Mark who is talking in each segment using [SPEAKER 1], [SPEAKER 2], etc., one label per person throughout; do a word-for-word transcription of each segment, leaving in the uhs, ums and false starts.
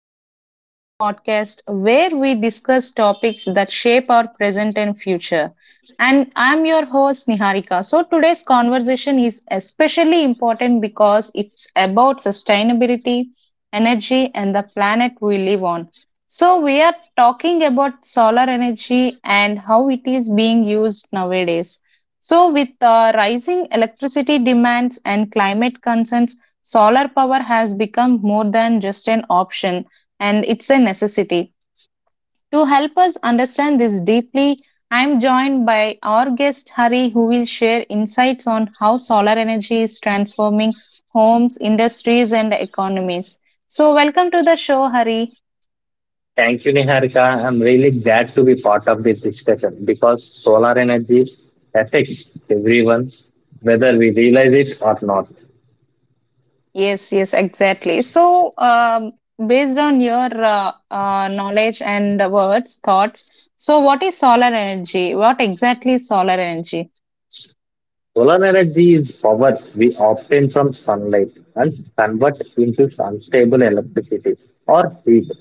[SPEAKER 1] welcome back to our podcast where we discuss topics that shape our present and future. And I'm your host Niharika. So today's conversation is especially important because it's about sustainability, energy and the planet we live on. So we are talking about solar energy and how it is being used nowadays. So with uh, rising electricity demands and climate concerns, solar power has become more than just an option and it's a necessity. To help us understand this deeply, I'm joined by our guest Hari, who will share insights on how solar energy is transforming homes, industries, and economies. So, welcome to the show, Hari.
[SPEAKER 2] Thank you, Niharika. I'm really glad to be part of this discussion because solar energy affects everyone, whether we realize it or not.
[SPEAKER 1] Yes, yes, exactly. So, um, based on your uh, uh, knowledge and words, thoughts, so what is solar energy? What exactly is solar energy?
[SPEAKER 2] Solar energy is power we obtain from sunlight and convert into unstable electricity or heat.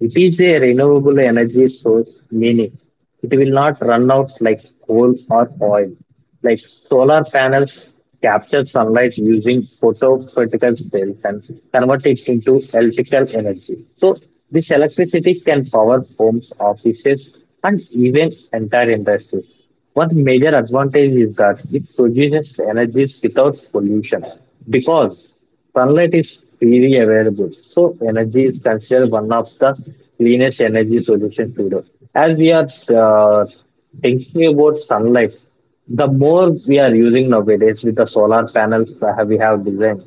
[SPEAKER 2] It is a renewable energy source, meaning it will not run out like coal or oil. Like solar panels capture sunlight using photophysical cells and convert it into electrical energy. So this electricity can power homes, offices, and even entire industries. One major advantage is that it produces energies without pollution because sunlight is freely available, so energy is considered one of the cleanest energy solutions today. As we are uh, thinking about sunlight, the more we are using nowadays with the solar panels uh, we have designed,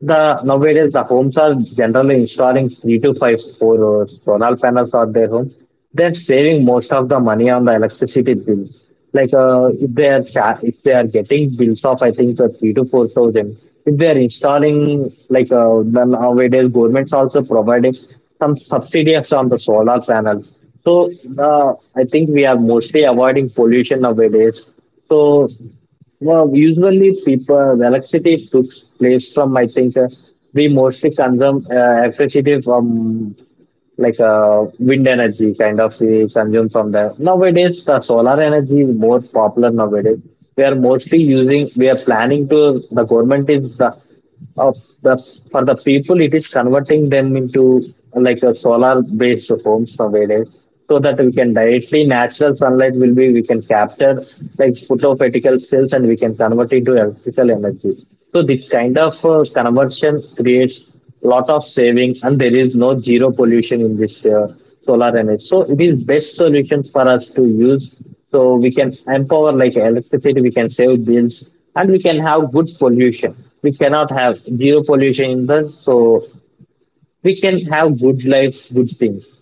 [SPEAKER 2] the nowadays the homes are generally installing three to five four uh, solar panels on their homes. They're saving most of the money on the electricity bills. Like uh, if they are cha- if they are getting bills of I think uh, three to four thousand. If they are installing like uh, the nowadays government's also providing some subsidies on the solar panels. So uh, I think we are mostly avoiding pollution nowadays. So well, usually people electricity took place from I think uh, we mostly consume uh, electricity from like uh, wind energy kind of we consume from there. Nowadays, the solar energy is more popular nowadays. We are mostly using, we are planning to, the government is the, of the for the people, it is converting them into like a solar based homes nowadays. So that we can directly natural sunlight will be we can capture like photopatical cells and we can convert into electrical energy. So this kind of uh, conversion creates lot of savings and there is no zero pollution in this uh, solar energy, so it is best solution for us to use so we can empower like electricity we can save bills and we can have good pollution we cannot have zero pollution in this. So we can have good life good things.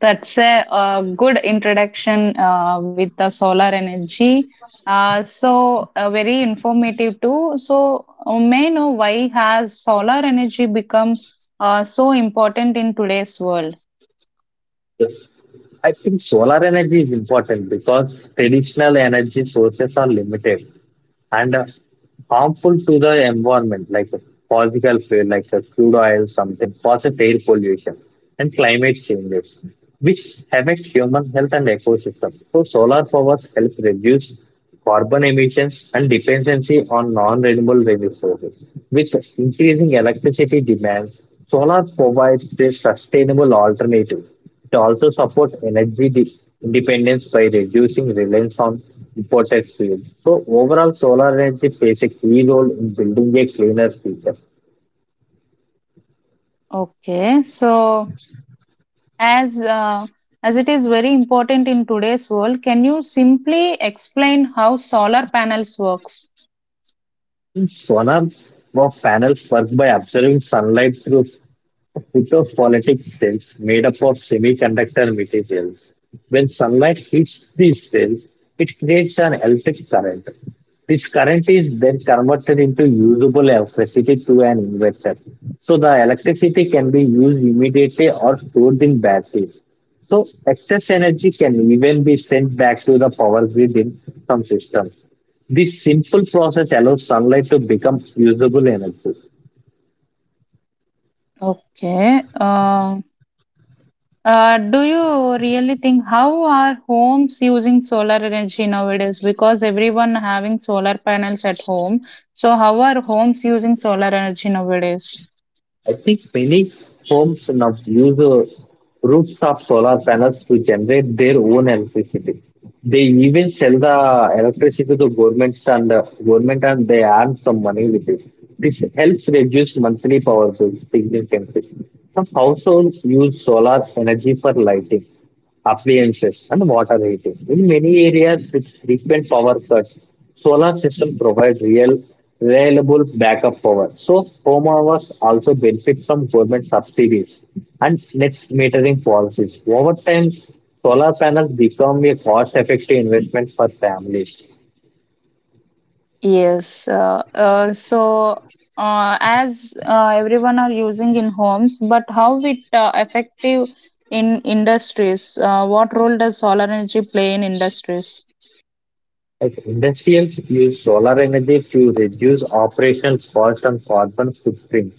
[SPEAKER 1] That's a uh good introduction uh, with the solar energy. Uh, so uh, very informative too. So uh, may I know why has solar energy become uh, so important in today's world?
[SPEAKER 2] I think solar energy is important because traditional energy sources are limited and uh, harmful to the environment, like the fossil fuel, like the crude oil, something causes air pollution and climate changes, which affect human health and ecosystem. So solar power helps reduce carbon emissions and dependency on non-renewable resources. With increasing electricity demands, solar provides a sustainable alternative. It also supports energy de- independence by reducing reliance on imported fuel. So overall, solar energy plays a key role in building a cleaner future.
[SPEAKER 1] Okay, so as uh, as it is very important in today's world, can you simply explain how solar panels works?
[SPEAKER 2] Solar panels work by absorbing sunlight through photophotic cells made up of semiconductor materials. When sunlight hits these cells, it creates an electric current. This current is then converted into usable electricity to an inverter. So the electricity can be used immediately or stored in batteries. So excess energy can even be sent back to the power grid in some systems. This simple process allows sunlight to become usable energy.
[SPEAKER 1] Okay. Um Uh, do you really think how are homes using solar energy nowadays? Because everyone having solar panels at home. So how are homes using solar energy nowadays?
[SPEAKER 2] I think many homes now use uh, rooftop solar panels to generate their own electricity. They even sell the electricity to governments and uh, government, and they earn some money with it. This helps reduce monthly power bills significantly. Some households use solar energy for lighting, appliances, and water heating. In many areas with frequent power cuts, solar system provides real reliable backup power. So homeowners also benefit from government subsidies and net metering policies. Over time, solar panels become a cost-effective investment for families.
[SPEAKER 1] Yes. Uh, uh, so uh, as uh, Everyone are using in homes, but how it uh, effective in industries? Uh, what role does solar energy play in industries?
[SPEAKER 2] Like industrials use solar energy to reduce operational costs and carbon footprint.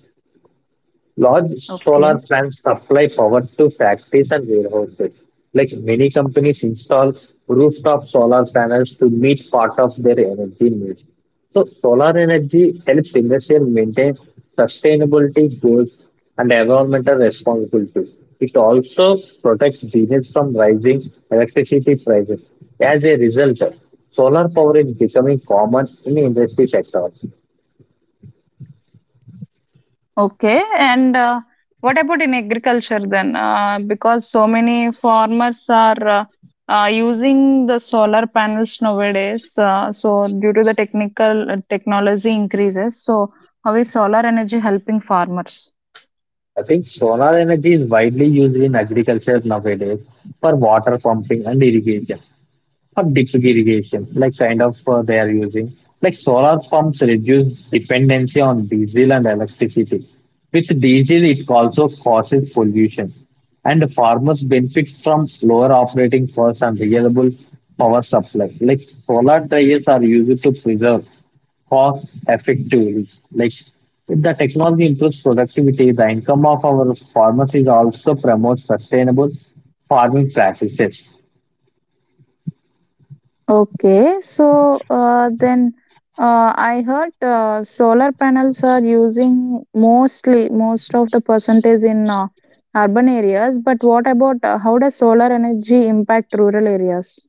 [SPEAKER 2] Large solar
[SPEAKER 1] Okay.
[SPEAKER 2] plants supply power to factories and warehouses. Like many companies install rooftop solar panels to meet part of their energy needs. So solar energy helps industries maintain sustainability goals and environmental responsibility. It also protects business from rising electricity prices. As a result, solar power is becoming common in industry sectors.
[SPEAKER 1] Okay, and uh, what about in agriculture then? Uh, because so many farmers are uh, uh, using the solar panels nowadays. Uh, so due to the technical uh, technology increases, so how is solar energy helping farmers?
[SPEAKER 2] I think solar energy is widely used in agriculture nowadays for water pumping and irrigation for drip irrigation, like kind of uh, they are using. Like solar pumps reduce dependency on diesel and electricity. With diesel, it also causes pollution, and farmers benefit from lower operating costs and reliable power supply. Like solar dryers are used to preserve cost effectively. Like if the technology improves productivity, the income of our farmers is also promotes sustainable farming practices.
[SPEAKER 1] Okay, so uh, then uh, I heard uh, solar panels are using mostly most of the percentage in uh, urban areas. But what about uh, how does solar energy impact rural areas?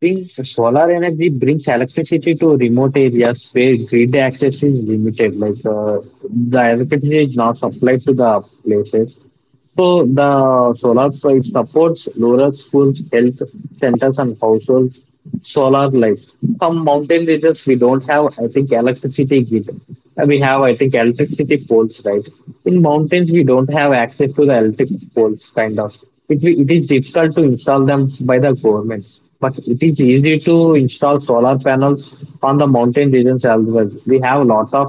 [SPEAKER 2] Think solar energy brings electricity to remote areas where grid access is limited. Like uh, the electricity is not supplied to the places. So the solar so it supports rural schools, health centers, and households. Solar lights. Some mountain regions we don't have. I think electricity grid. Uh, We have I think electricity poles, right? In mountains we don't have access to the electric poles, kind of. It wi- it is difficult to install them by the government, but it is easy to install solar panels on the mountain regions as well. We have a lot of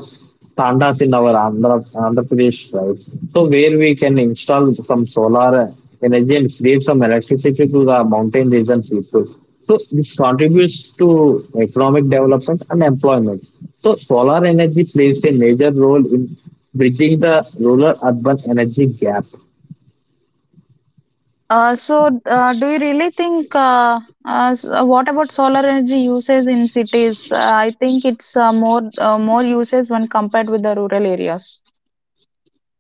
[SPEAKER 2] tandas in our Andhra, Andhra Pradesh, right? So where we can install some solar energy and create some electricity to the mountain region people. So this contributes to economic development and employment. So solar energy plays a major role in bridging the rural-urban energy gap.
[SPEAKER 1] Uh, so, uh, do you really think, uh, uh, s- uh, what about solar energy uses in cities? Uh, I think it's uh, more uh, more uses when compared with the rural areas.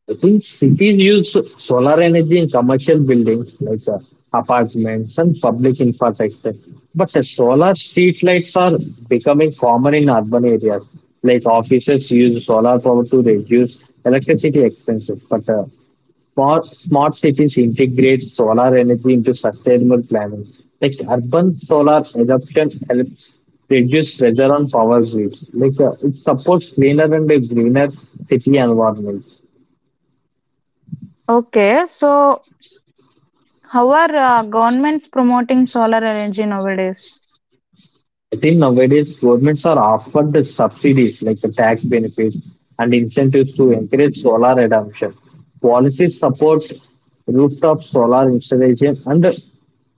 [SPEAKER 2] I think cities use so- solar energy in commercial buildings like uh, apartments and public infrastructure. But uh, solar street lights are becoming common in urban areas. Like offices use solar power to reduce electricity expenses. But uh, smart, smart cities integrate solar energy into sustainable planning. Like urban solar adoption helps reduce pressure on power grids. Like uh, it supports cleaner and uh, greener city environments.
[SPEAKER 1] Okay, so how are uh, governments promoting solar energy nowadays?
[SPEAKER 2] I think nowadays governments are offered the subsidies like the tax benefits and incentives to encourage solar adoption. Policies support rooftop solar installation and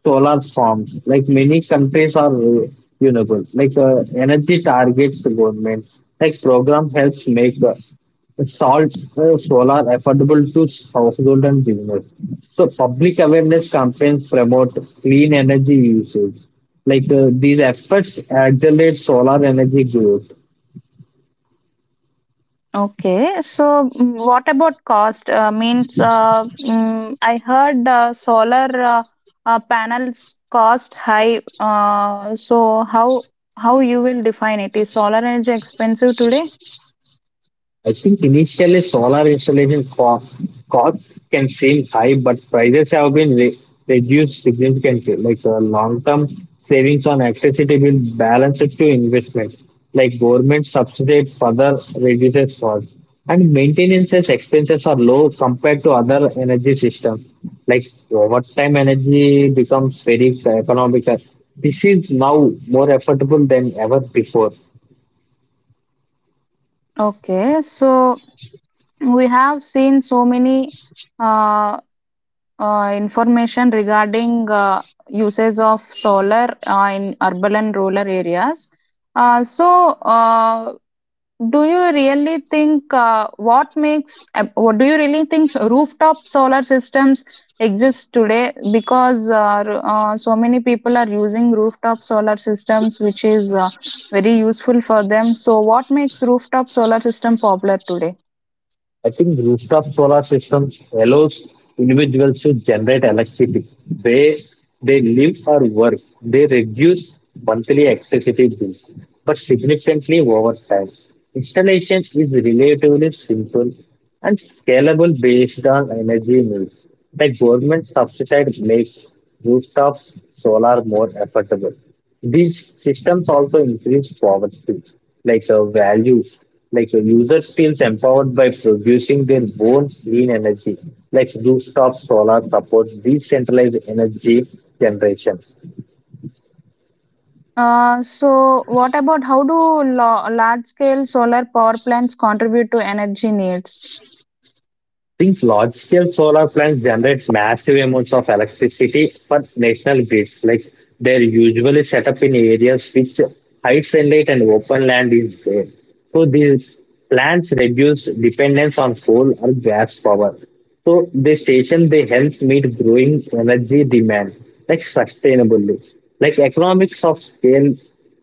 [SPEAKER 2] solar farms. Like many countries are uh, renewable. Like uh, energy targets the government. Like program helps make uh, salt uh, solar affordable to household and business. So public awareness campaigns promote clean energy usage like uh, these efforts accelerate solar energy growth.
[SPEAKER 1] Okay, so mm, what about cost? Uh, means uh, Mm, I heard uh, solar uh, uh, panels cost high. Uh, so how how you will define it? Is solar energy expensive today?
[SPEAKER 2] I think initially solar installation co- costs can seem high, but prices have been re- reduced significantly. Like the long-term savings on electricity will balance it to investments. Like government subsidy further reduces costs, and maintenance expenses are low compared to other energy systems. Like over time, energy becomes very economical. This is now more affordable than ever before.
[SPEAKER 1] Okay, so we have seen so many uh, uh, information regarding uh, uses of solar uh, in urban and rural areas. Uh, so, uh, do you really think uh, what makes uh, what do you really think rooftop solar systems exist today? Because uh, r- uh, so many people are using rooftop solar systems, which is uh, very useful for them. So, what makes rooftop solar system popular today?
[SPEAKER 2] I think rooftop solar systems allows individuals to generate electricity where they live or work. They reduce monthly electricity bills, but significantly over time. Installation is relatively simple and scalable based on energy needs. The government subsidized makes rooftop solar more affordable. These systems also increase poverty, like a value, like a user feels empowered by producing their own clean energy, like rooftop solar supports decentralized energy generation.
[SPEAKER 1] Uh, so what about how do lo- large scale solar power plants contribute to energy needs?
[SPEAKER 2] These large-scale solar plants generate massive amounts of electricity for national grids. Like they're usually set up in areas which high sunlight and open land is there. So these plants reduce dependence on coal or gas power. So the station they help meet growing energy demand like sustainably. Like economics of scale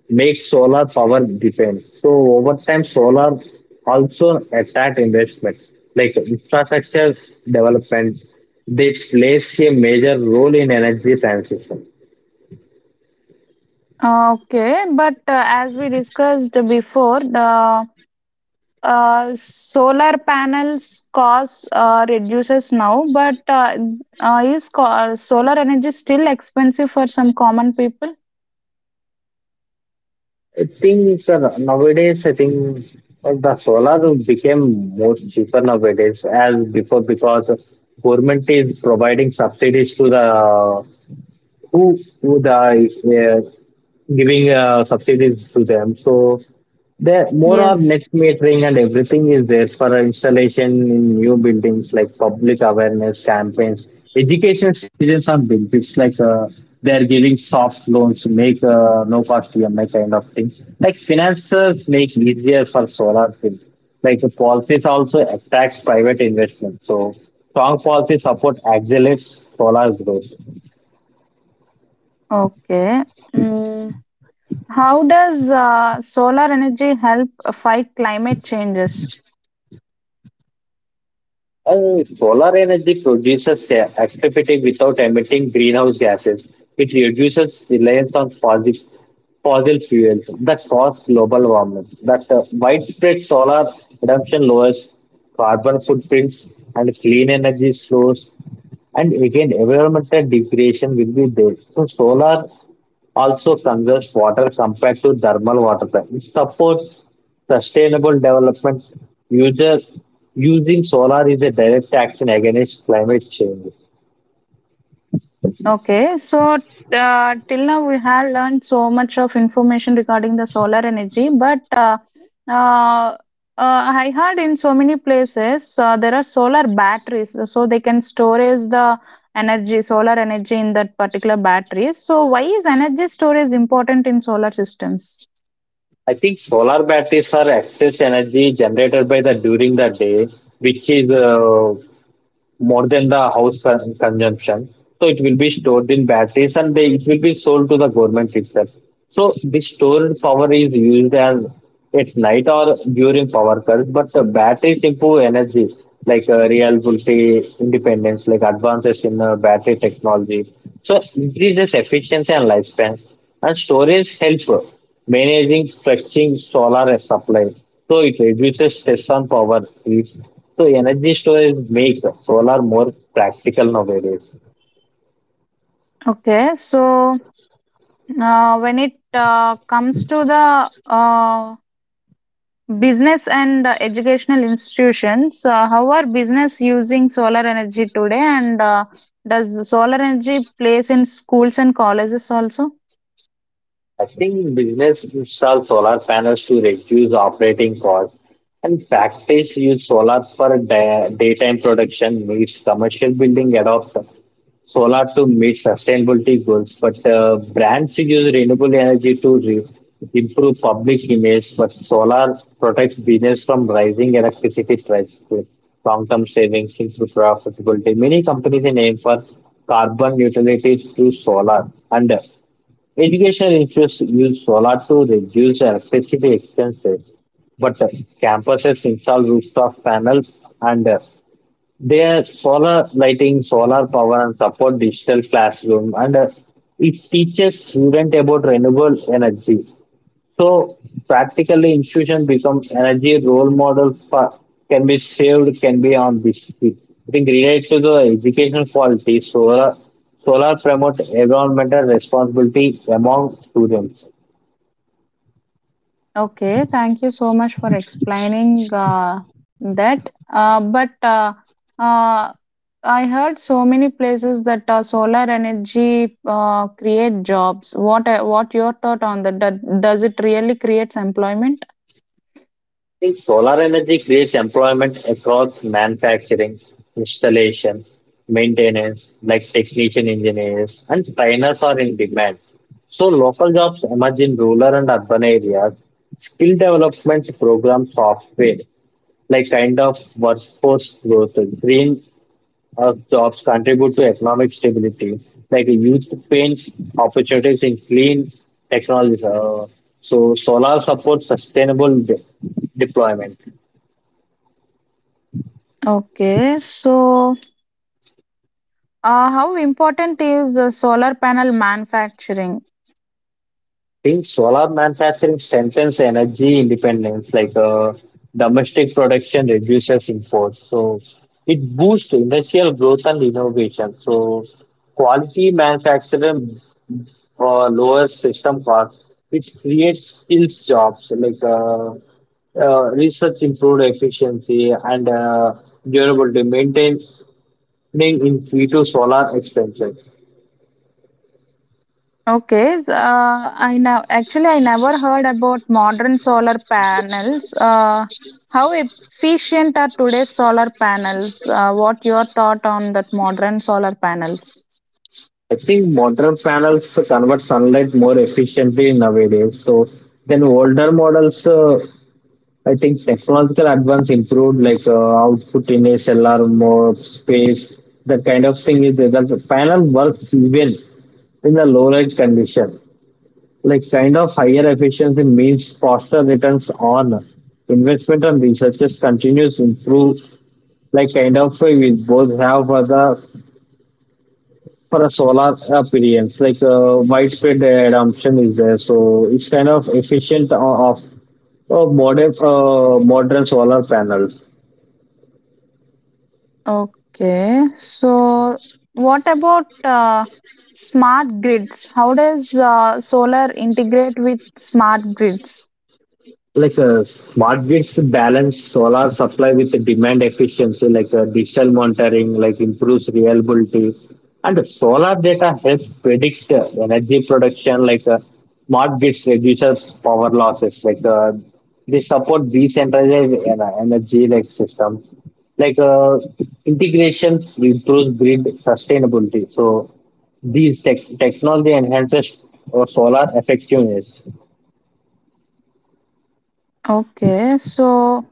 [SPEAKER 2] make solar power depend. So over time, solar also attract investment like infrastructure development. They plays a major role in energy transition.
[SPEAKER 1] Uh, Okay, but uh, as we discussed before, the uh, solar panels cost uh, reduces now, but uh, uh, is co- uh, solar energy still expensive for some common people?
[SPEAKER 2] I think sir, nowadays I think uh, the solar became more cheaper nowadays as before because government is providing subsidies to the who would I. Yeah, giving uh, subsidies to them. So there more or net
[SPEAKER 1] Yes.
[SPEAKER 2] metering and everything is there for installation in new buildings like public awareness campaigns, education citizens on built. It's like uh, they're giving soft loans, make uh, no cost E M I kind of thing. Like financiers make easier for solar field. Like the policies also attract private investment. So strong policy support accelerates solar growth.
[SPEAKER 1] Okay. Mm. How does uh, solar energy help fight climate changes?
[SPEAKER 2] Uh, solar energy produces a- activity without emitting greenhouse gases. It reduces reliance on fossil, fossil fuels that cause global warming. That uh, widespread solar adoption lowers carbon footprints and clean energy source. And again, environmental degradation will be there. So solar also conserves water compared to thermal water plants. It supports sustainable development. Users using solar is a direct action against climate change.
[SPEAKER 1] Okay, so uh, till now we have learned so much of information regarding the solar energy, but uh, uh, uh, I heard in so many places uh, there are solar batteries, so they can storage the energy, solar energy in that particular battery. So why is energy storage important in solar systems?
[SPEAKER 2] I think solar batteries are excess energy generated by the during the day, which is uh, more than the house con- consumption. So it will be stored in batteries and they, it will be sold to the government itself. So this stored power is used as at night or during power cuts, but the batteries improve energy like uh, reliability, independence, like advances in uh, battery technology. So increases efficiency and lifespan. And storage help managing flexing solar supply. So it reduces stress on power grids. So energy storage makes solar more practical nowadays.
[SPEAKER 1] Okay, so uh, when it uh, comes to the uh, business and uh, educational institutions. Uh, how are business using solar energy today, and uh, does solar energy place in schools and colleges also?
[SPEAKER 2] I think business install solar panels to reduce operating costs, and factories use solar for da- daytime production needs. Commercial building adopt solar to meet sustainability goals, but uh, brands use renewable energy to re- improve public image, but solar protects business from rising electricity prices, long-term savings into profitability. Many companies aim for carbon neutrality through solar. And education institutes use solar to reduce electricity expenses, but uh, campuses install rooftop panels and uh, their solar lighting, solar power, and support digital classroom. And uh, it teaches students about renewable energy, so practically, institution becomes energy role models for can be saved, can be on this. I think related to the educational quality, solar solar promote environmental responsibility among students.
[SPEAKER 1] Okay, thank you so much for explaining uh, that. Uh, but uh, uh, I heard so many places that uh, solar energy uh, create jobs. What uh, what your thought on that? Do- Does it really creates employment?
[SPEAKER 2] Think solar energy creates employment across manufacturing, installation, maintenance, like technician engineers, and trainers are in demand. So local jobs emerge in rural and urban areas. Skill development programs, software, like kind of workforce growth, green our jobs contribute to economic stability. Like youth paints opportunities in clean technologies. Uh, so solar supports sustainable de- deployment.
[SPEAKER 1] Okay, so Uh, how important is uh, solar panel manufacturing?
[SPEAKER 2] Think solar manufacturing strengthens energy independence, like uh, domestic production reduces imports. So it boosts industrial growth and innovation. So quality manufacturing for lower system costs, which creates skills jobs like uh, uh, research improved efficiency and uh, durability, maintaining in-situ solar expansion.
[SPEAKER 1] Okay, s- uh, I now actually I never heard about modern solar panels. Uh, how efficient are today's solar panels? Uh, what your thought on that modern solar panels?
[SPEAKER 2] I think modern panels convert sunlight more efficiently nowadays. So then older models, uh, I think technological advance improved like uh, output in S L R more space. That kind of thing is that the panel works even in the low light condition. Like kind of higher efficiency means faster returns on investment, and researchers continues improve like kind of uh, we both have for the for a solar appearance, like uh, widespread adoption is there, so it's kind of efficient o- of, of modern uh, modern solar panels.
[SPEAKER 1] Okay, so what about uh, smart grids? How does uh, solar integrate with smart grids?
[SPEAKER 2] Like uh, smart grids balance solar supply with the demand efficiency, like uh, digital monitoring like improves reliability, and solar data helps predict uh, energy production. Like uh, smart grids reduces power losses. Like uh, they support decentralized en- energy like systems, like uh, integration improves grid sustainability, so these tech- technology enhances uh, solar effectiveness.
[SPEAKER 1] Okay, so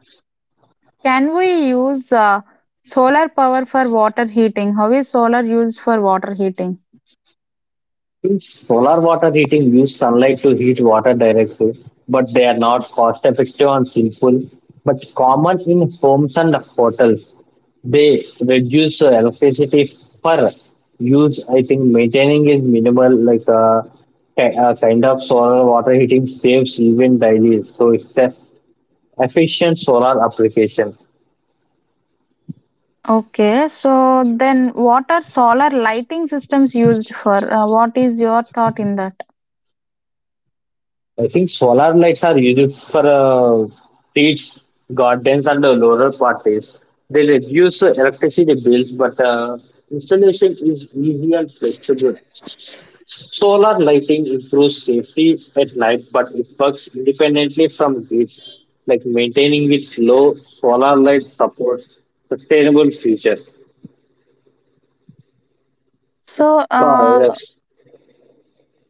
[SPEAKER 1] can we use uh, solar power for water heating? How is solar used for water heating?
[SPEAKER 2] In solar water heating, use sunlight to heat water directly, but they are not cost effective and simple, but common in homes and hotels. They reduce uh, electricity per use. I think maintaining is minimal, like uh, ki- uh, kind of solar water heating saves even daily. So it's an efficient solar application.
[SPEAKER 1] Okay, so then what are solar lighting systems used for? Uh, what is your thought in that?
[SPEAKER 2] I think solar lights are used for uh, streets, gardens, and uh, rural parties. They reduce uh, electricity bills, but uh, installation is easy and flexible. Solar lighting improves safety at night, but it works independently from grids. Like maintaining it low, solar light supports sustainable future.
[SPEAKER 1] So,
[SPEAKER 2] Wow,
[SPEAKER 1] uh,
[SPEAKER 2] yes.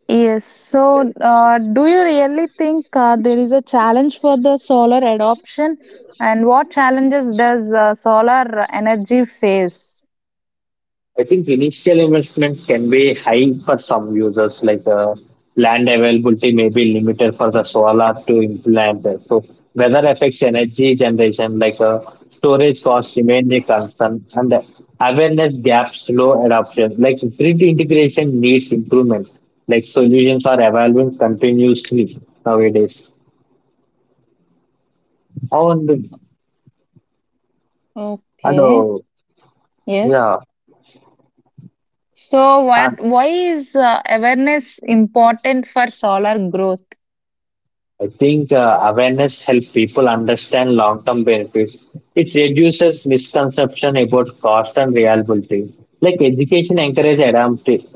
[SPEAKER 1] yes, so uh, do you really think uh, there is a challenge for the solar adoption? And what challenges does uh, solar energy face?
[SPEAKER 2] I think initial investments can be high for some users, like uh, land availability may be limited for the solar to implant. So weather affects energy generation, like uh, storage costs remain a concern, and awareness gaps, slow adoption, like grid integration needs improvement. Like solutions are evolving continuously nowadays. Oh, and, and
[SPEAKER 1] Okay,
[SPEAKER 2] uh,
[SPEAKER 1] yes.
[SPEAKER 2] yeah.
[SPEAKER 1] So, what? Why is uh, awareness important for solar growth?
[SPEAKER 2] I think uh, awareness helps people understand long term benefits. It reduces misconception about cost and reliability. Like education encourages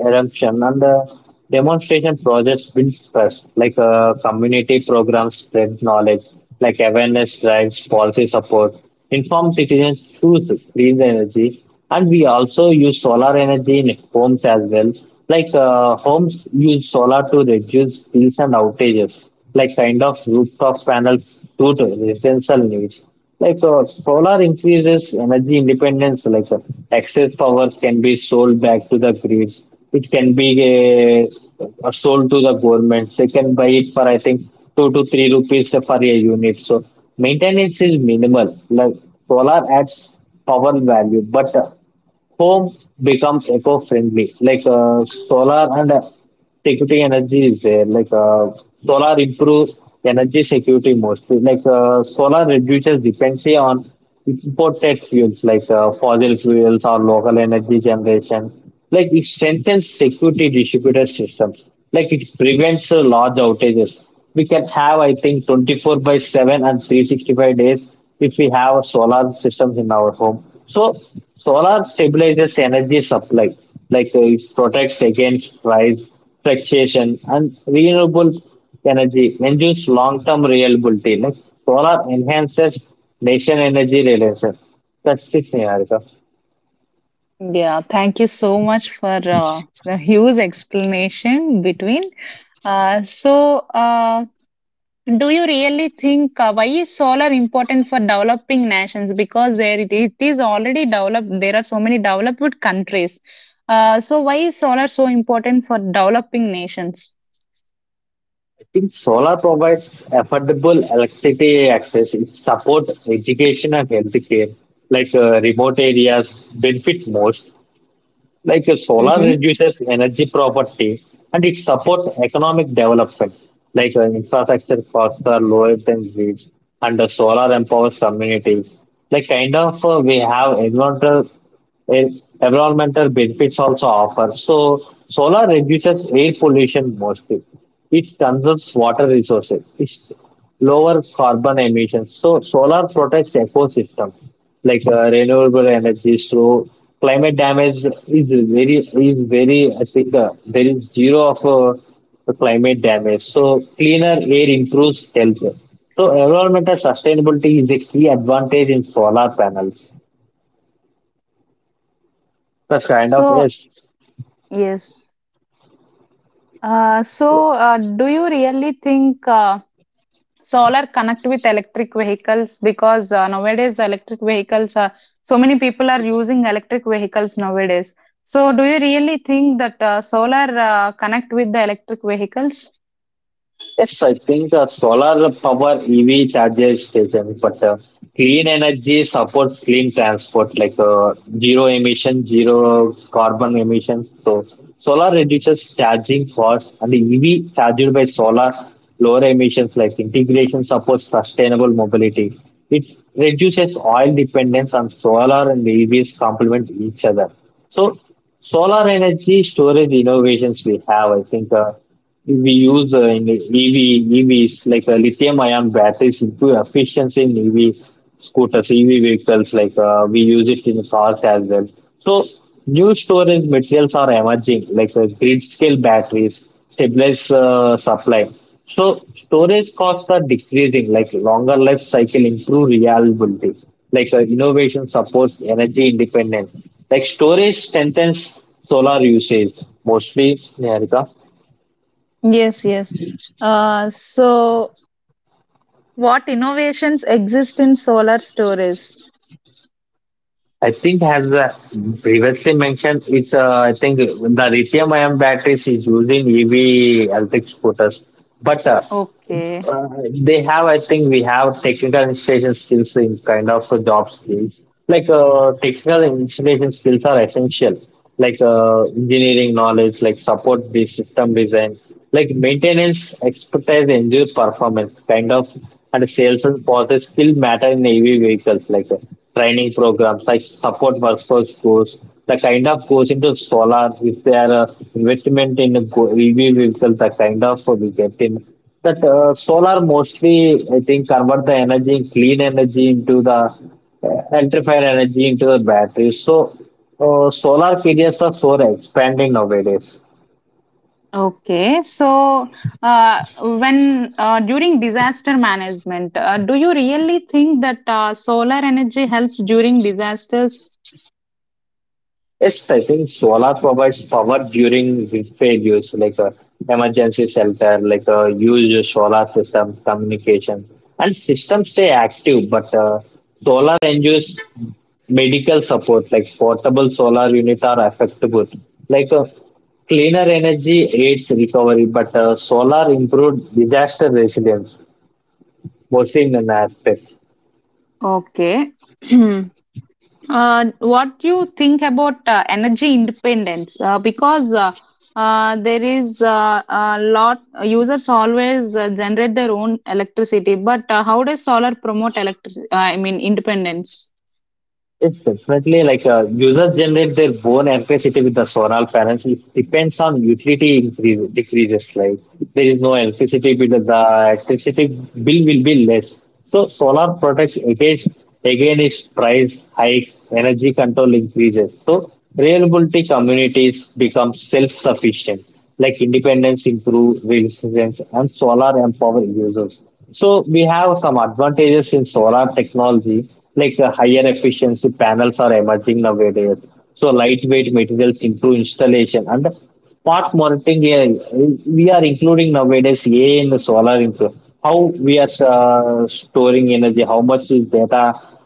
[SPEAKER 2] adoption, and uh, demonstration projects build trust. Like uh, community programs spread knowledge. Like awareness drives policy support. Informed citizens choose clean energy, and we also use solar energy in homes as well. Like uh, homes use solar to reduce bills and outages, like kind of rooftop panels due to residential needs. Like uh, solar increases energy independence. Like uh, excess power can be sold back to the grids. It can be uh, uh, sold to the government. They can buy it for I think two to three rupees for a unit, so maintenance is minimal. Like solar adds power value, but uh, home becomes eco-friendly. Like uh, solar and uh, security energy is there. Like uh, solar improves energy security mostly. Like uh, solar reduces dependency on imported fuels, like uh, fossil fuels or local energy generation. Like it strengthens security distributed systems. Like it prevents uh, large outages. We can have, I think, twenty four by seven and three sixty five days if we have a solar systems in our home. So solar stabilizes energy supply. Like uh, it protects against price fluctuation, and renewable energy ensures long-term reliability. Like solar enhances nation energy reliance. That's it, Niharika.
[SPEAKER 1] Yeah, thank you so much for uh, the huge explanation between. Uh, so, uh, do you really think uh, why is solar important for developing nations? Because there it, it is already developed. There are so many developed countries. Uh, so, why is solar so important for developing nations?
[SPEAKER 2] I think solar provides affordable electricity access. It supports education and healthcare. Like uh, remote areas benefit most. Like uh, solar
[SPEAKER 1] Mm-hmm.
[SPEAKER 2] reduces energy poverty, and it supports economic development. Like uh, infrastructure costs are lower than grids, and the solar empowers communities. Like kind of uh, we have environmental en- environmental benefits also offer. So solar reduces air pollution mostly. It conserves water resources. It lower carbon emissions. So solar protects ecosystem, like uh, renewable energy. So climate damage is very is very I think uh, there is zero of uh, the climate damage. So cleaner air improves health. So environmental sustainability is a key advantage in solar panels. That's kind of
[SPEAKER 1] So,
[SPEAKER 2] yes.
[SPEAKER 1] yes. Uh, so, uh, do you really think? Uh, solar connect with electric vehicles because uh, nowadays the electric vehicles are so many people are using electric vehicles nowadays, so do you really think that uh, solar uh, connect with the electric vehicles?
[SPEAKER 2] Yes, I think uh, solar power E V charges station, but uh, clean energy supports clean transport, like uh, zero emission, zero carbon emissions. So solar reduces charging cost, and the E V charged by solar lower emissions, like integration supports sustainable mobility. It reduces oil dependence on solar, and E Vs complement each other. So solar energy storage innovations we have, I think. Uh, we use uh, in E V, E Vs like uh, lithium-ion batteries improve efficiency in E V scooters, E V vehicles. Like uh, we use it in cars as well. So new storage materials are emerging, like uh, grid-scale batteries, stabilized uh, supply. So storage costs are decreasing, like longer life cycle, improve reliability. Like uh, innovation supports energy independence. Like storage strengthens solar usage mostly, Niharika.
[SPEAKER 1] Yes, yes, uh, so what innovations exist in solar storage?
[SPEAKER 2] I think as uh, previously mentioned, it's uh, I think the lithium-ion batteries is used in E V electric scooters, but uh,
[SPEAKER 1] Okay.
[SPEAKER 2] uh, they have, I think we have technical installation skills in kind of uh, job skills. Like uh, technical installation skills are essential, like uh, engineering knowledge, like support the system design, like maintenance expertise, engineer performance, kind of, and sales and process still matter in A V vehicles, like uh, training programs, like support workforce course, the kind of goes into solar, if they are uh, investment in a go- E V vehicle, the kind of uh, we get in that uh, solar mostly. I think convert the energy clean energy into the uh, electrified energy into the batteries, so uh, solar periods are so expanding nowadays.
[SPEAKER 1] Okay, so uh, when uh, during disaster management uh, do you really think that uh, solar energy helps during disasters?
[SPEAKER 2] Yes, I think solar provides power during failures, like a emergency shelter, like a huge solar system communication, and systems stay active. But uh, solar ensures medical support, like portable solar units are effective. Like uh, cleaner energy aids recovery, but uh, solar improved disaster resilience, mostly in an aspect.
[SPEAKER 1] Okay. Uh, what do you think about uh, energy independence? Uh, because uh, uh, There is uh, a lot, users always uh, generate their own electricity, but uh, how does solar promote electric? uh, I mean, independence?
[SPEAKER 2] It's definitely like uh, users generate their own electricity with the solar panels. It depends on utility increase, decreases. Like there is no electricity bill, the electricity bill will be less. So solar protects against against price hikes, energy control increases. So reliability communities become self-sufficient, like independence improve resilience, and solar empower users. So we have some advantages in solar technology, like the higher efficiency panels are emerging nowadays. So lightweight materials improve installation and smart monitoring. Yeah, we are including nowadays A I in the solar into how we are uh, storing energy, how much is data,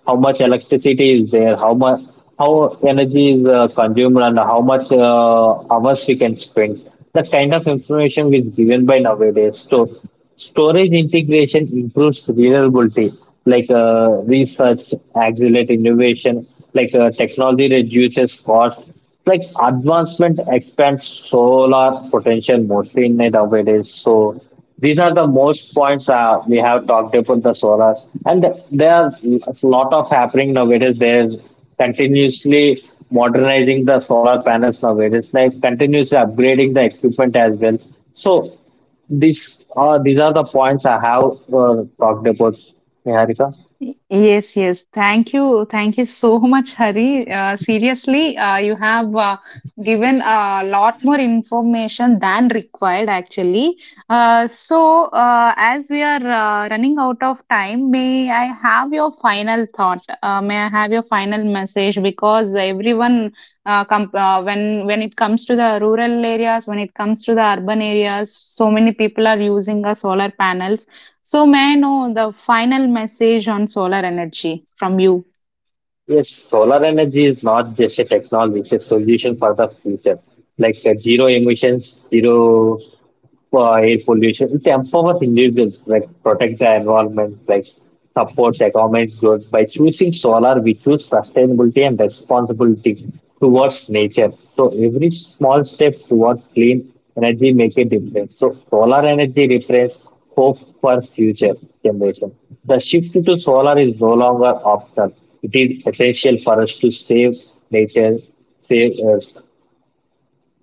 [SPEAKER 2] how much electricity is there, how much how energy is uh, consumed, and how much uh, hours we can spend. That kind of information is given by nowadays. So storage integration improves reliability, like uh, research, accelerate innovation, like uh, technology reduces cost, like advancement expands solar potential mostly in it nowadays. So these are the most points uh, we have talked about the solar, and there are a lot of happening nowadays. There's continuously modernizing the solar panels nowadays, like continuously upgrading the equipment as well. So these are these are the points I have uh, talked about, Niharika.
[SPEAKER 1] Y- Yes, yes. Thank you. Thank you so much, Hari. Uh, seriously, uh, you have uh, given a lot more information than required, actually. Uh, so, uh, as we are uh, running out of time, may I have your final thought? Uh, may I have your final message? Because everyone uh, com uh, when when it comes to the rural areas, when it comes to the urban areas, so many people are using uh, solar panels. So may I know the final message on solar energy from you?
[SPEAKER 2] Yes, solar energy is not just a technology; it's a solution for the future, like uh, zero emissions, zero uh, air pollution. It empowers individuals, like protect the environment, like supports economic growth. By choosing solar, we choose sustainability and responsibility towards nature. So every small step towards clean energy make a difference. So solar energy represents hope for future generation. The shift to solar is no longer optional. It is essential for us to save nature, save Earth.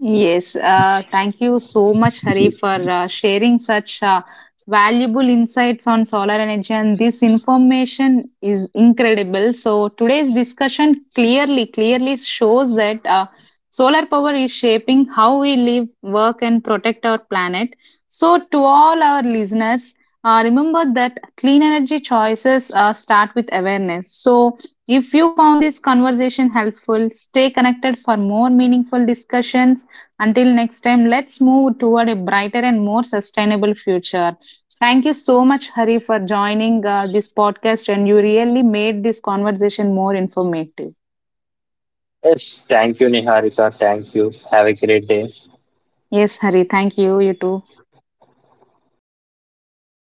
[SPEAKER 1] Yes, uh, thank you so much, Hari, for uh, sharing such uh, valuable insights on solar energy. And this information is incredible. So, today's discussion clearly, clearly shows that uh, solar power is shaping how we live, work, and protect our planet. So, to all our listeners, uh, remember that clean energy choices uh, start with awareness. So, if you found this conversation helpful, stay connected for more meaningful discussions. Until next time, let's move toward a brighter and more sustainable future. Thank you so much, Hari, for joining uh, this podcast, and you really made this conversation more informative.
[SPEAKER 2] Yes, thank you, Niharika. Thank you. Have a great day.
[SPEAKER 1] Yes, Hari, thank you. You too.